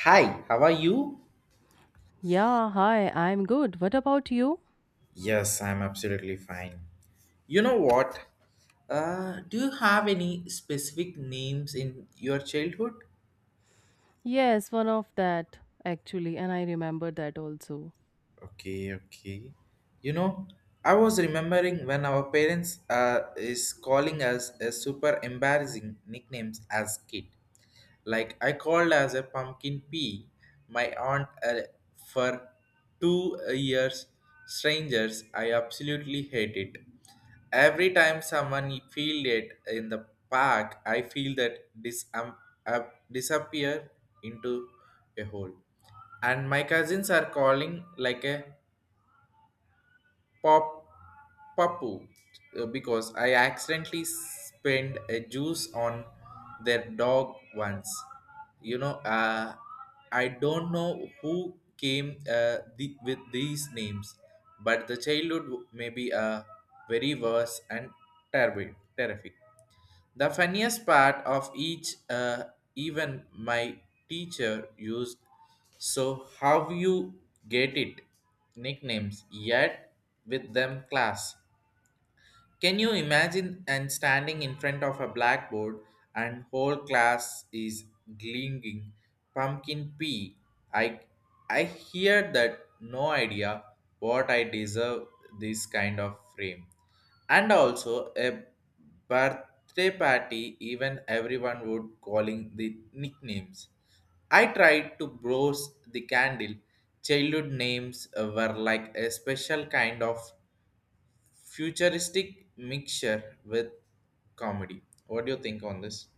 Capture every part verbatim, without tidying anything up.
Hi, how are you? Yeah, hi, I'm good. What about you? Yes, I'm absolutely fine. You know what? Uh, do you have any specific names in your childhood? Yes, one of that actually, and I remember that also. Okay, okay. You know, I was remembering when our parents uh, is calling us a super embarrassing nicknames as kid. Like I called as a pumpkin pea, my aunt uh, for two years. Strangers, I absolutely hate it. Every time someone feel it in the park, I feel that dis- um, uh, disappear into a hole, and my cousins are calling like a pop papu uh, because I accidentally spilled a juice on their dog once. You know, uh, I don't know who came uh, the, with these names, but the childhood may be uh, very worse and terrible, terrific. The funniest part of each, uh, even my teacher used, so how you get it, nicknames, yet with them class. Can you imagine and standing in front of a blackboard and whole class is glinging pumpkin pie? I I hear that no idea what I deserve this kind of frame. And also a birthday party even everyone would calling the nicknames. I tried to browse the candle. Childhood names were like a special kind of futuristic mixture with comedy. What do you think on this?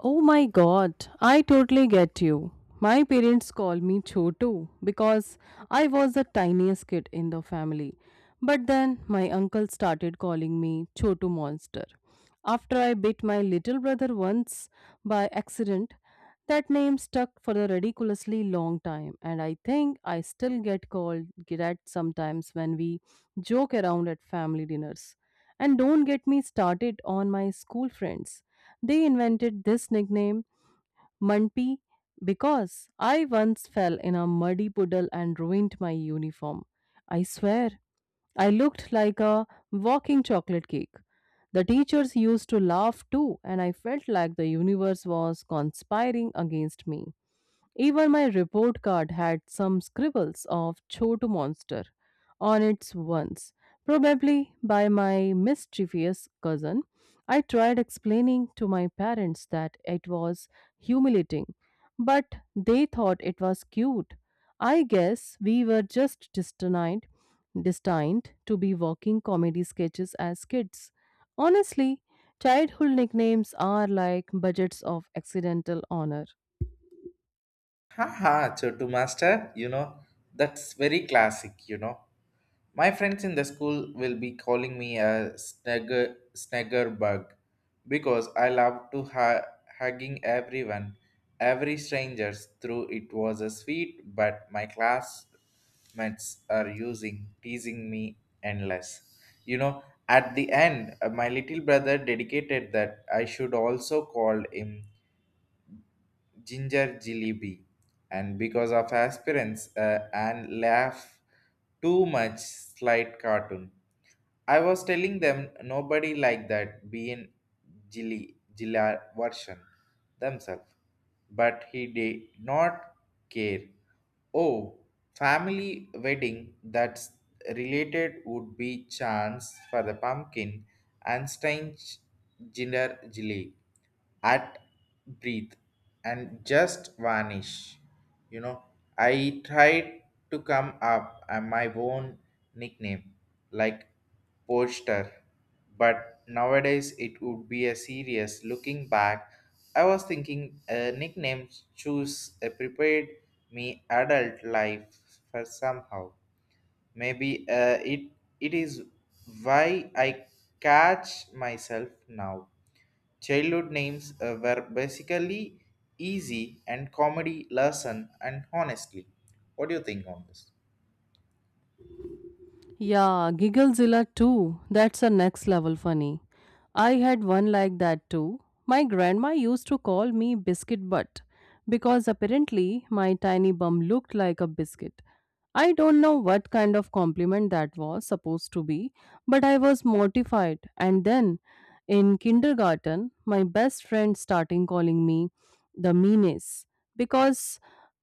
Oh my god, I totally get you. My parents call me Chotu because I was the tiniest kid in the family. But then my uncle started calling me Chotu Monster. After I bit my little brother once by accident, that name stuck for a ridiculously long time, and I think I still get called that sometimes when we joke around at family dinners. And don't get me started on my school friends. They invented this nickname, Munpee, because I once fell in a muddy puddle and ruined my uniform. I swear, I looked like a walking chocolate cake. The teachers used to laugh too, and I felt like the universe was conspiring against me. Even my report card had some scribbles of Chotu Monster on it once, probably by my mischievous cousin. I tried explaining to my parents that it was humiliating, but they thought it was cute. I guess we were just destined, destined to be walking comedy sketches as kids. Honestly, childhood nicknames are like budgets of accidental honor. Haha, Chotu Master, you know, that's very classic, you know. My friends in the school will be calling me a snagger, snagger bug because I love to ha- hugging everyone, every strangers through it was a sweet, but my classmates are using teasing me endless. You know, at the end, uh, my little brother dedicated that I should also call him Ginger Jillebi, and because of aspirants uh, and laugh too much slight cartoon. I was telling them nobody like that being Jilly Jilla version themselves, but he did not care. Oh, family wedding that's related would be chance for the pumpkin and strange ginger jelly at breathe and just vanish. You know, I tried to come up with my own nickname like poster, but nowadays it would be a serious. Looking back, I was thinking a nickname choose a prepared me adult life for somehow. Maybe uh, it it is why I catch myself now. Childhood names uh, were basically easy and comedy lesson and honestly. What do you think on this? Yeah, Gigglezilla too. That's a next level funny. I had one like that too. My grandma used to call me Biscuit Butt because apparently my tiny bum looked like a biscuit. I don't know what kind of compliment that was supposed to be, but I was mortified. And then in kindergarten, my best friend started calling me the meanest because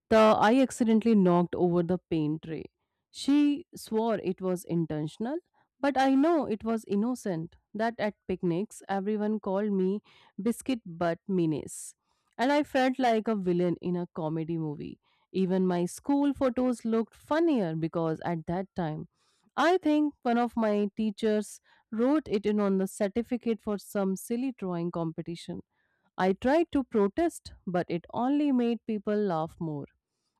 the I accidentally knocked over the paint tray. She swore it was intentional, but I know it was innocent. That at picnics, everyone called me Biscuit Butt Minis, and I felt like a villain in a comedy movie. Even my school photos looked funnier because at that time, I think one of my teachers wrote it in on the certificate for some silly drawing competition. I tried to protest, but it only made people laugh more.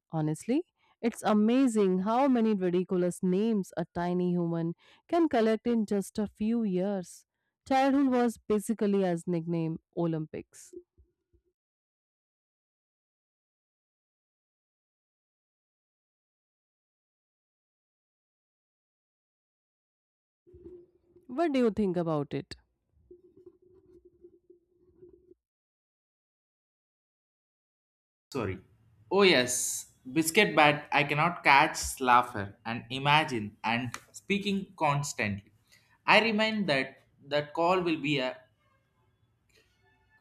Honestly, it's amazing how many ridiculous names a tiny human can collect in just a few years. Childhood was basically as nickname Olympics. What do you think about it? Sorry. Oh yes, biscuit bat. I cannot catch laughter and imagine and speaking constantly. I remind that that call will be a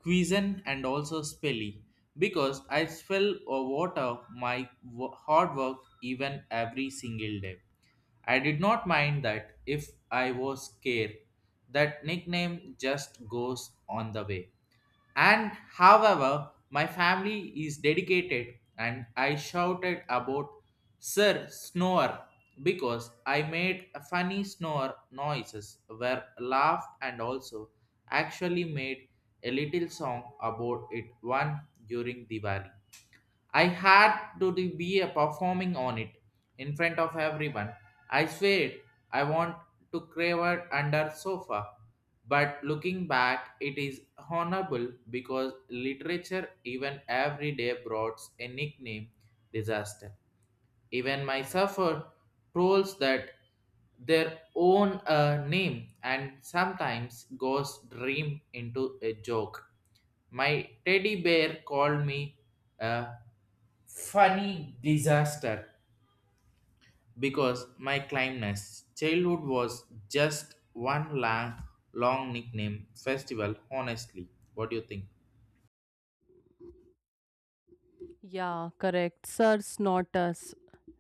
quizen and also spelly because I spell or water my wo- hard work even every single day. I did not mind that if I was scared. That nickname just goes on the way. And however, my family is dedicated and I shouted about Sir Snore because I made a funny snore noises were laughed and also actually made a little song about it one during Diwali. I had to de- be a performing on it in front of everyone. I swear I want to crave it under sofa. But looking back, it is honorable because literature even every day brought a nickname disaster. Even my suffer trolls that their own uh, name and sometimes goes dream into a joke. My teddy bear called me a funny disaster because my climbness childhood was just one long, long nickname festival. Honestly, what do you think? Yeah, correct. Sir Snortus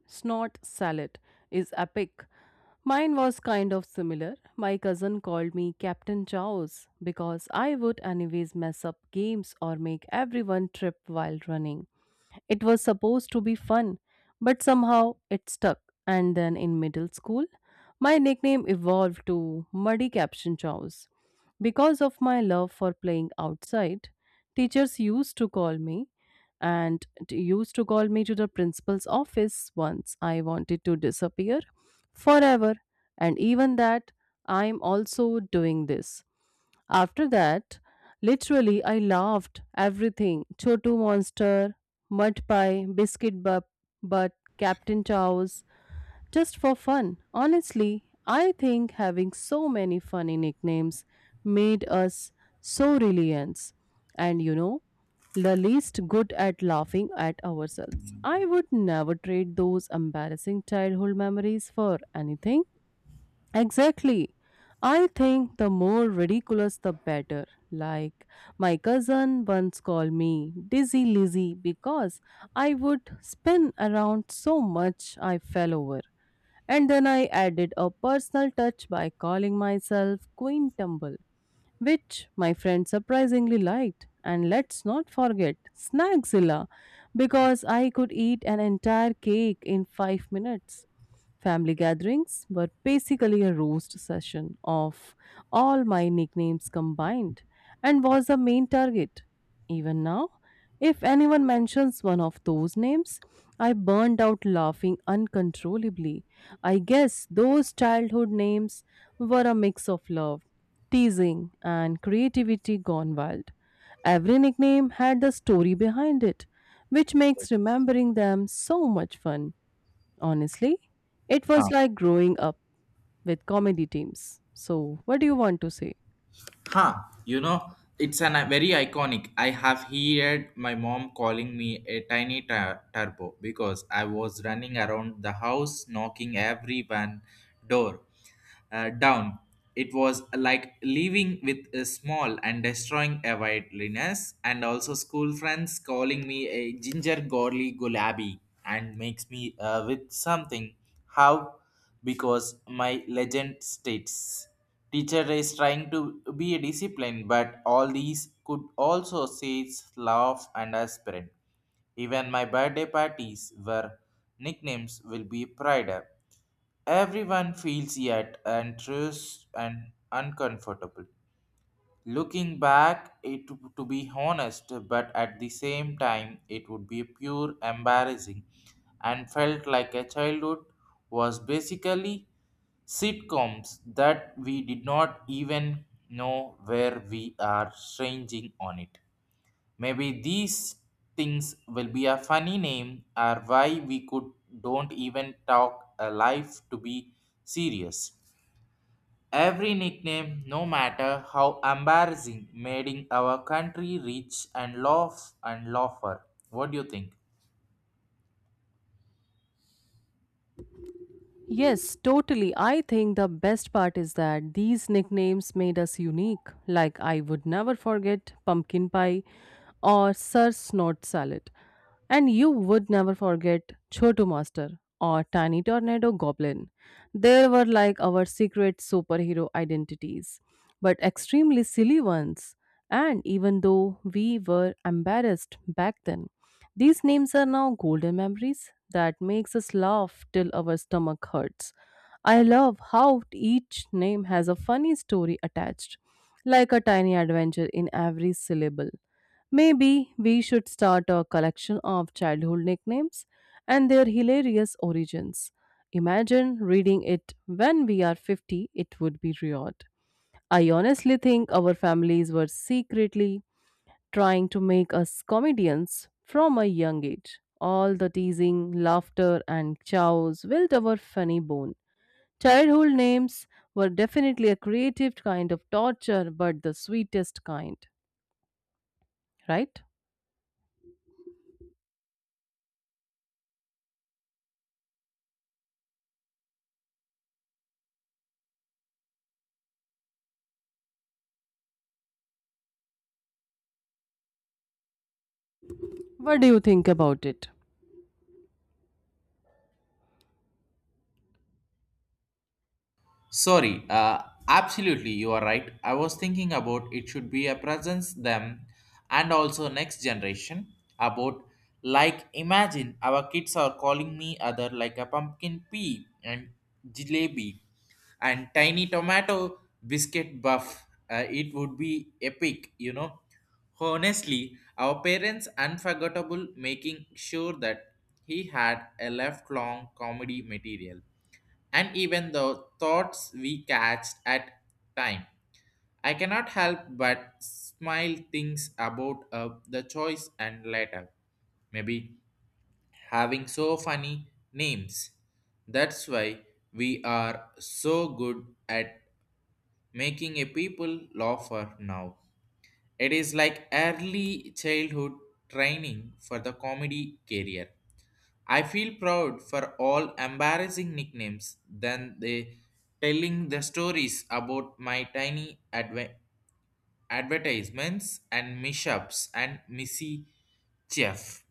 Snort Salad is epic. Mine was kind of similar. My cousin called me Captain Chaos because I would anyways mess up games or make everyone trip while running. It was supposed to be fun, but somehow it stuck. And then in middle school, my nickname evolved to Muddy Caption Chows. Because of my love for playing outside, teachers used to call me and t- used to call me to the principal's office once I wanted to disappear forever. And even that, I'm also doing this. After that, literally, I laughed everything Chotu Monster, Mud Pie, Biscuit Bub, but Captain Chow's, just for fun. Honestly, I think having so many funny nicknames made us so reliant. And you know, the least good at laughing at ourselves. I would never trade those embarrassing childhood memories for anything. Exactly. I think the more ridiculous the better. Like, my cousin once called me Dizzy Lizzy because I would spin around so much I fell over. And then I added a personal touch by calling myself Queen Tumble, which my friend surprisingly liked. And let's not forget Snackzilla, because I could eat an entire cake in five minutes. Family gatherings were basically a roast session of all my nicknames combined, and was the main target. Even now, if anyone mentions one of those names, I burned out laughing uncontrollably. I guess those childhood names were a mix of love, teasing, and creativity gone wild. Every nickname had the story behind it, which Yes. makes remembering them so much fun. Honestly, it Huh. was like growing up with comedy teams. So, what do you want to say? Huh, you know, it's an, a very iconic. I have heard my mom calling me a tiny tur- turbo because I was running around the house knocking every van door uh, down. It was like leaving with a small and destroying a wilderness, and also school friends calling me a ginger gorly gulabi and makes me uh, with something. How? Because my legend states teacher is trying to be a discipline, but all these could also say laugh and aspirant. Even my birthday parties were nicknames will be pride. Everyone feels yet anxious and uncomfortable. Looking back, it to be honest, but at the same time, it would be pure embarrassing and felt like a childhood was basically sitcoms that we did not even know where we are stranging on it. Maybe these things will be a funny name or why we could don't even talk a life to be serious. Every nickname, no matter how embarrassing, made in our country rich and laugh and laugher. What do you think? Yes, totally. I think the best part is that these nicknames made us unique. Like, I would never forget pumpkin pie or Sir Snort Salad. And you would never forget Chotu Master or Tiny Tornado Goblin. They were like our secret superhero identities, but extremely silly ones. And even though we were embarrassed back then, these names are now golden memories that makes us laugh till our stomach hurts. I love how each name has a funny story attached, like a tiny adventure in every syllable. Maybe we should start a collection of childhood nicknames and their hilarious origins. Imagine reading it when we are fifty, it would be weird. I honestly think our families were secretly trying to make us comedians from a young age. All the teasing, laughter, and chows built our funny bone. Childhood names were definitely a creative kind of torture, but the sweetest kind, right? What do you think about it? Sorry, uh, absolutely, you are right. I was thinking about it should be a presence them and also next generation about like imagine our kids are calling me other like a pumpkin pea and jalebi and tiny tomato biscuit buff. Uh, it would be epic, you know. Honestly, our parents unforgettable making sure that he had a left long comedy material and even the thoughts we catch at time. I cannot help but smile things about uh, the choice and letter. Maybe having so funny names. That's why we are so good at making a people laugher now. It is like early childhood training for the comedy career. I feel proud for all embarrassing nicknames than they telling the stories about my tiny adve- advertisements and mishaps and missy Chef.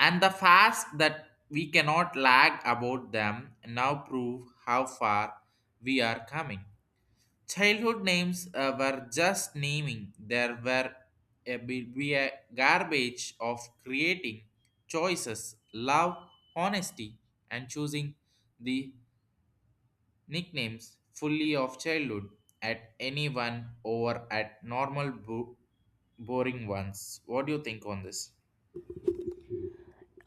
And the fast that we cannot lag about them now prove how far we are coming. Childhood names uh, were just naming. There were a, be be a garbage of creating choices, love, honesty, and choosing the nicknames fully of childhood at anyone over at normal bo- boring ones. What do you think on this?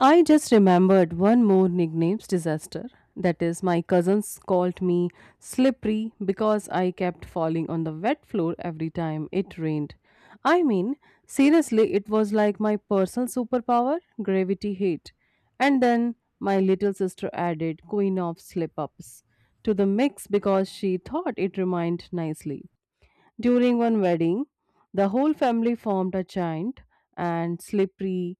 I just remembered one more nickname's disaster. That is, my cousins called me slippery because I kept falling on the wet floor every time it rained. I mean, seriously, it was like my personal superpower, gravity hate. And then my little sister added queen of slip ups to the mix because she thought it rhymed nicely. During one wedding, the whole family formed a chant and slippery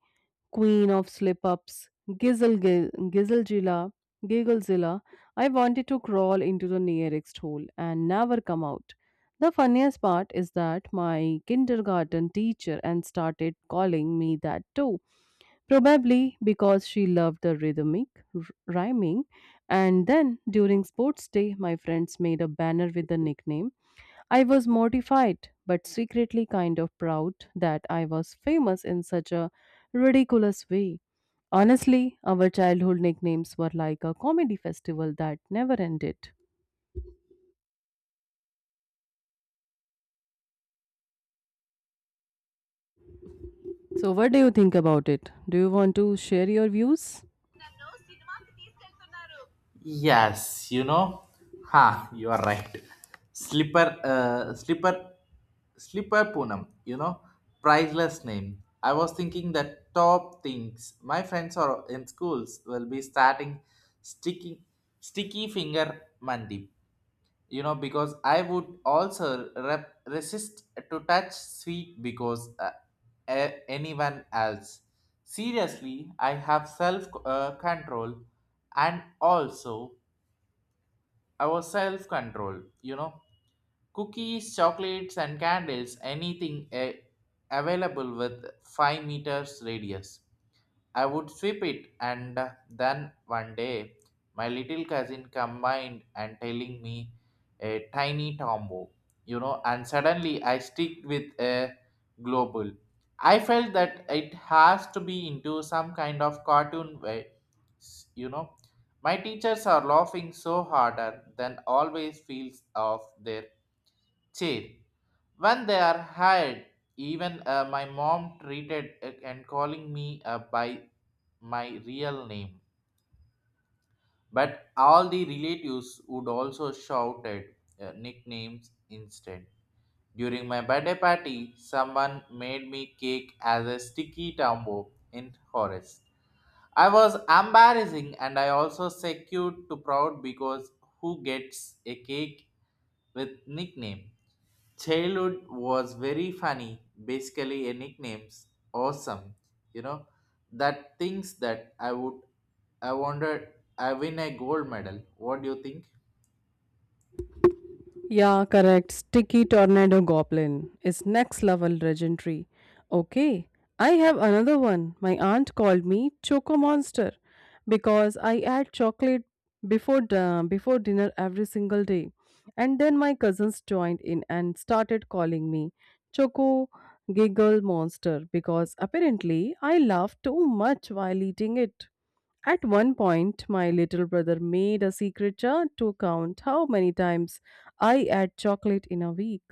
Queen of Slip Ups, Gizzle, Gil- Gizzlezilla, Gigglezilla, I wanted to crawl into the nearest hole and never come out. The funniest part is that my kindergarten teacher and started calling me that too, probably because she loved the rhythmic r- rhyming. And then during sports day, my friends made a banner with the nickname. I was mortified, but secretly kind of proud that I was famous in such a ridiculous way. Honestly, our childhood nicknames were like a comedy festival that never ended. So, what do you think about it? Do you want to share your views? Yes, you know, ha, you are right. Slipper, uh, slipper, slipper Poonam, you know, priceless name. I was thinking that top things my friends are in schools will be starting sticky, sticky finger Monday, you know, because I would also rep- resist to touch sweet because uh, a- anyone else. Seriously, I have self uh, control and also our self control, you know, cookies chocolates and candles anything eh, available with five meters radius I would sweep it, and then one day my little cousin combined and telling me a tiny tombo, you know, and suddenly I stick with a global. I felt that it has to be into some kind of cartoon way, s- you know. My teachers are laughing so harder than always feels off their chair when they are hired, even uh, my mom treated uh, and calling me uh, by my real name, but all the relatives would also shouted uh, nicknames instead. During my birthday party someone made me cake as a sticky tambo in forest. I was embarrassing and I also secured to proud because who gets a cake with nickname? Childhood was very funny, basically a nickname's awesome, you know, that things that I would, I wondered, I win a gold medal. What do you think? Yeah, correct. Sticky Tornado Goblin is next level legendary. Okay, I have another one. My aunt called me Choco Monster because I add chocolate before the before dinner every single day. And then my cousins joined in and started calling me Choco Giggle Monster because apparently I laugh too much while eating it. At one point, my little brother made a secret chart to count how many times I had chocolate in a week,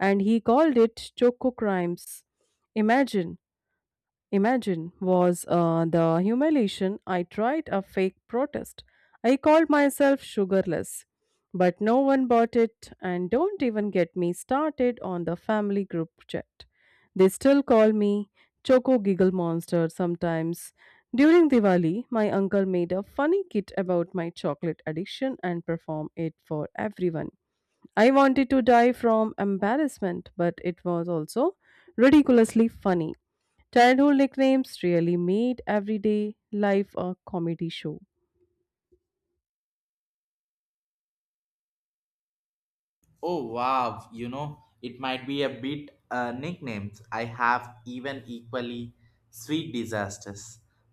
and he called it Choco Crimes. Imagine Imagine was uh, the humiliation. I tried a fake protest. I called myself sugarless, but no one bought it, and don't even get me started on the family group chat. They still call me Choco Giggle Monster sometimes. During Diwali, my uncle made a funny kit about my chocolate addiction and performed it for everyone. I wanted to die from embarrassment, but it was also ridiculously funny. Childhood nicknames really made everyday life a comedy show. Oh wow, you know, it might be a bit uh, nicknames. I have even equally sweet disasters.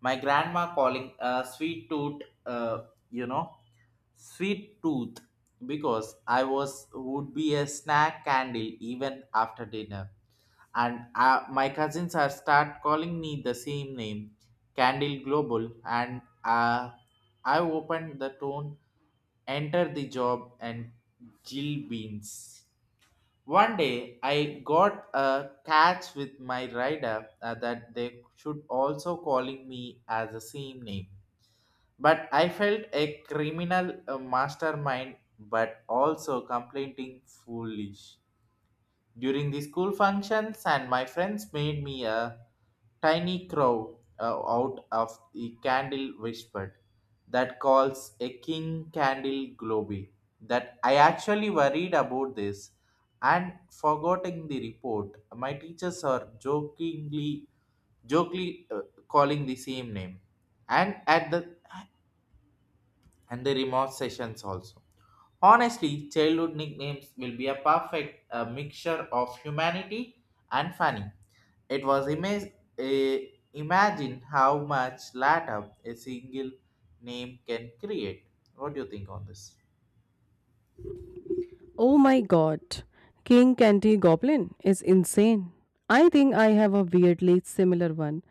My grandma calling uh, sweet tooth, uh, you know, sweet tooth because I was would be a snack candle even after dinner, and uh, my cousins are start calling me the same name candle global, and uh, I opened the tone enter the job and jill beans. One day I got a catch with my rider uh, that they should also calling me as the same name, but I felt a criminal uh, mastermind but also complaining foolish. During the school functions and my friends made me a tiny crow uh, out of the candle whispered that calls a king candle globy that I actually worried about this and forgetting the report. My teachers are jokingly jokingly uh, calling the same name and at the and the remote sessions also. Honestly, childhood nicknames will be a perfect uh, mixture of humanity and funny. It was ima- eh, imagine how much latter a single name can create. What do you think on this? Oh my god, King Candy Goblin is insane. I think I have a weirdly similar one.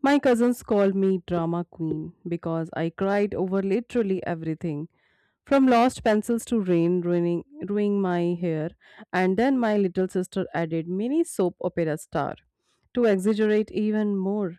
My cousins called me Drama Queen because I cried over literally everything. From lost pencils to rain ruining, ruining my hair, and then my little sister added mini soap opera star to exaggerate even more.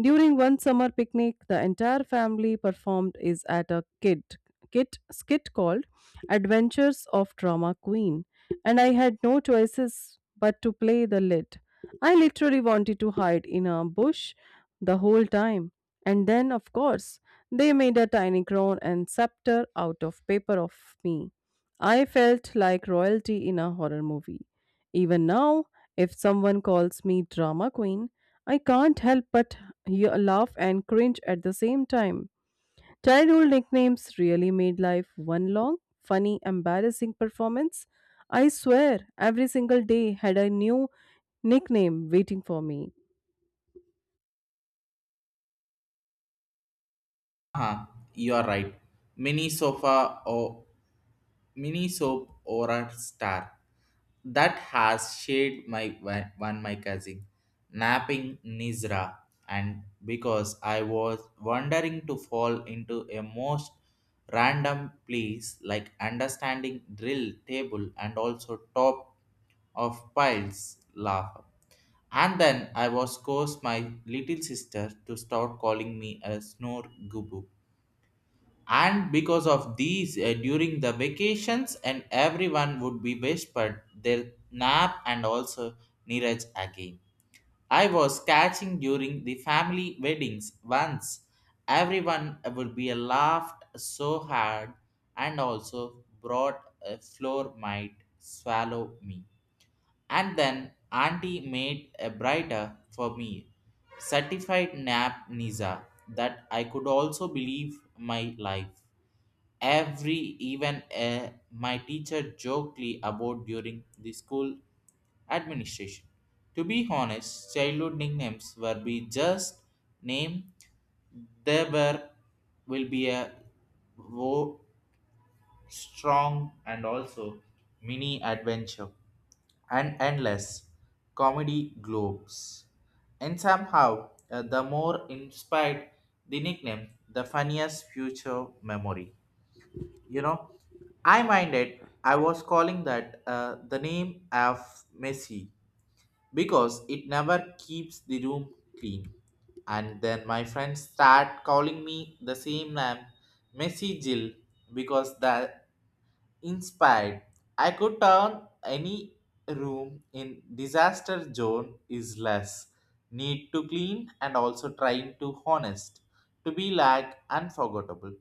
During one summer picnic, the entire family performed is at a kid kit skit called Adventures of Drama Queen, and I had no choices but to play the lead. I literally wanted to hide in a bush the whole time. And then, of course, they made a tiny crown and scepter out of paper of me. I felt like royalty in a horror movie. Even now, if someone calls me drama queen, I can't help but he- laugh and cringe at the same time. Childhood nicknames really made life one long, funny, embarrassing performance. I swear, every single day had a new nickname waiting for me. Uh-huh, you are right. Mini sofa or mini soap or a star that has shared my one one my cousin napping Nizra, and because I was wondering to fall into a most random place like understanding drill table and also top of piles laugh, and then I was course my little sister to start calling me a snore gubu, and because of these uh, during the vacations and everyone would be whispered their nap and also Neeraj again. I was catching during the family weddings once. Everyone would be laughed so hard and also brought a floor might swallow me. And then auntie made a brighter for me certified nap Niza that I could also believe my life every, even uh, my teacher jokingly about during the school administration. To be honest, childhood nicknames were be just name. There were will be a wo- strong and also mini adventure and endless comedy globes. And somehow, uh, the more inspired the nickname, the funniest future memory. You know, I minded I was calling that uh, the name of Messi because it never keeps the room clean. And then my friends start calling me the same name, Messi Jill, because that inspired. I could turn any room in disaster zone is less need to clean and also trying to honest to be like unforgettable,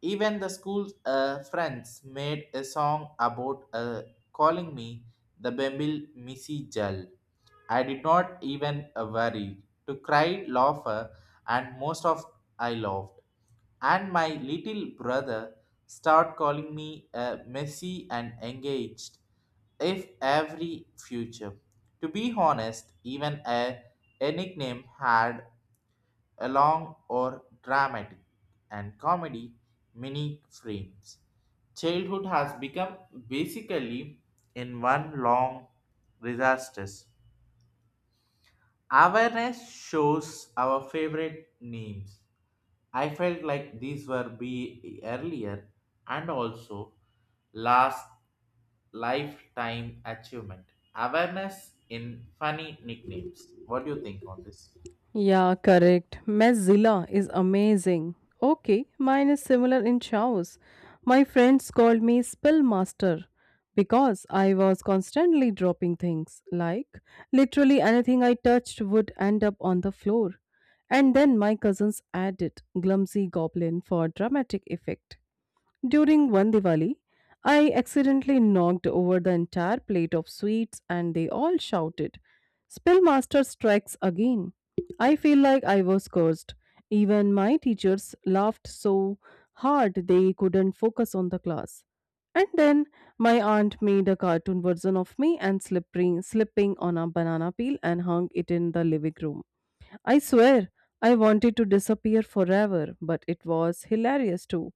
even the school uh, friends made a song about uh, calling me the Bembil Missy Jal. I did not even uh, worry to cry, laugh, uh, and most of I laughed. And my little brother start calling me uh, messy and engaged if every future. To be honest, even a, a nickname had along or dramatic and comedy mini frames. Childhood has become basically in one long disasters. Awareness shows our favorite names. I felt like these were be earlier and also last lifetime achievement. Awareness in funny nicknames. What do you think on this? Yeah, correct. Mozilla is amazing. Okay, mine is similar in Chaos. My friends called me Spill Master because I was constantly dropping things. Like, literally anything I touched would end up on the floor. And then my cousins added Clumsy Goblin for dramatic effect. During one Diwali, I accidentally knocked over the entire plate of sweets and they all shouted, Spellmaster strikes again. I feel like I was cursed. Even my teachers laughed so hard they couldn't focus on the class. And then my aunt made a cartoon version of me and slippery, slipping on a banana peel and hung it in the living room. I swear, I wanted to disappear forever, but it was hilarious too.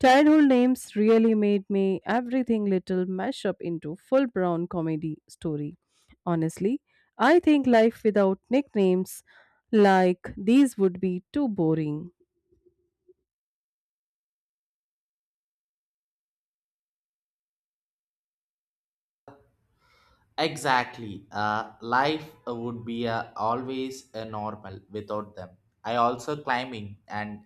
Childhood names really made me everything little mash up into full brown comedy story. Honestly, I think life without nicknames like these would be too boring. Exactly. Uh, life uh, would be uh, always uh, normal without them. I also climbing and,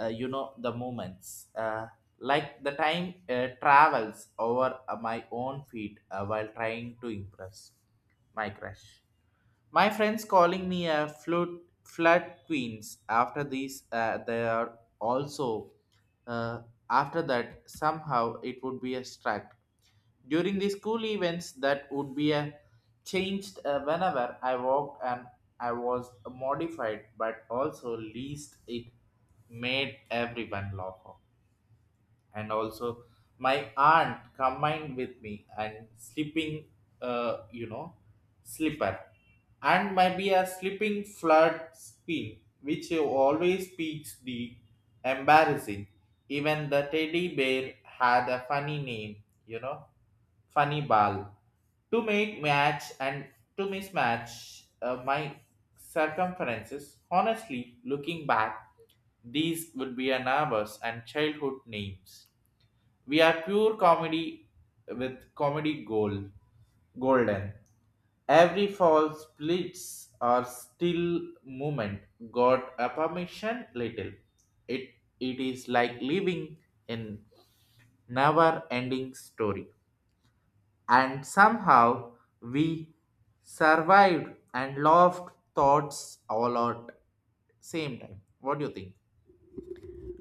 uh, you know the moments. Uh, like the time uh, travels over uh, my own feet uh, while trying to impress my crush. My friends calling me a flute flood queens. After these, uh, they are also uh, after that somehow it would be a struck during the school events, that would be a changed uh, whenever I walked and I was modified, but also least it made everyone laugh. And also, my aunt combined with me and sleeping, uh, you know, slipper, and maybe a sleeping flood spin, which always speaks the embarrassing. Even the teddy bear had a funny name, you know, funny ball to make match and to mismatch uh, my circumferences. Honestly, looking back, these would be our neighbors and childhood names. We are pure comedy with comedy gold, golden. Every fall splits or still movement got a permission little. It it is like living in never ending story, and somehow we survived and loved thoughts all at same time. What do you think?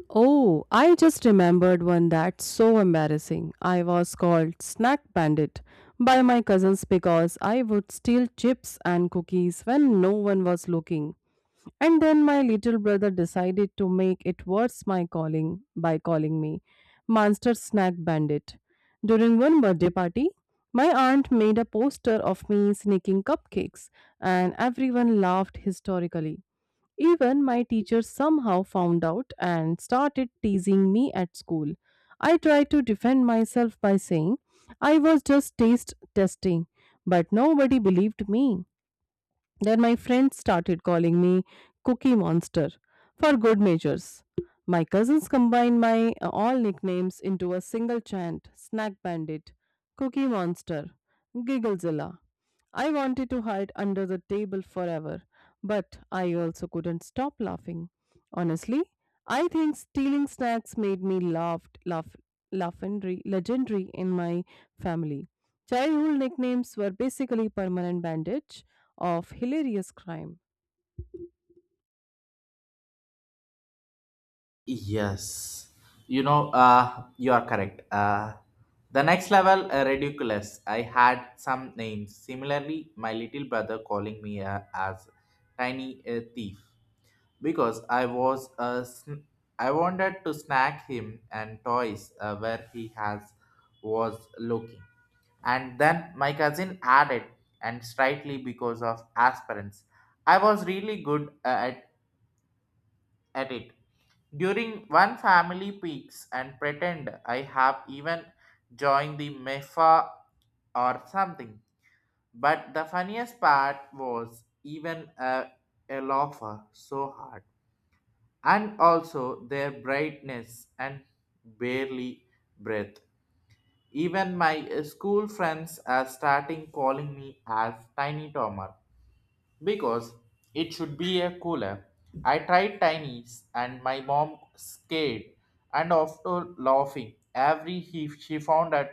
Oh, I just remembered one that's so embarrassing. I was called Snack Bandit by my cousins because I would steal chips and cookies when no one was looking. And then my little brother decided to make it worse my calling by calling me Monster Snack Bandit. During one birthday party, my aunt made a poster of me sneaking cupcakes and everyone laughed hysterically. Even my teacher somehow found out and started teasing me at school. I tried to defend myself by saying I was just taste testing, but nobody believed me. Then my friends started calling me Cookie Monster for good measures. My cousins combined my uh, all nicknames into a single chant Snack Bandit, Cookie Monster, Gigglezilla. I wanted to hide under the table forever, but I also couldn't stop laughing. Honestly, I think stealing snacks made me laughed, laugh, laughing, legendary in my family. Childhood nicknames were basically permanent bandage of hilarious crime. Yes, you know, uh you are correct. uh the next level uh, ridiculous. I had some names similarly. My little brother calling me uh, as tiny uh, thief because I was a sn- I wanted to snack him and toys uh, where he has was looking. And then my cousin added, and slightly because of aspirants, I was really good uh, at, at it. During one family peaks and pretend I have even joined the MEFA or something. But the funniest part was even a, a laugher so hard and also their brightness and barely breath. Even my uh, school friends are starting calling me as Tiny Tomer because it should be a cooler. I tried Tiny's and my mom scared, and after laughing every he she found out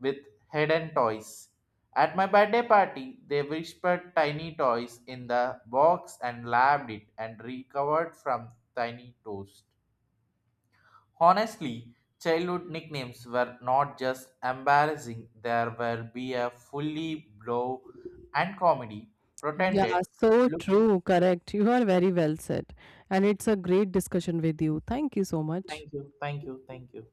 with hidden toys. At my birthday party, they whispered tiny toys in the box and labbed it and recovered from tiny toast. Honestly, childhood nicknames were not just embarrassing, there will be a fully blow and comedy. Yeah, Pretended. so Look, true. Correct. You are very well said. And it's a great discussion with you. Thank you so much. thank you, thank you, thank you.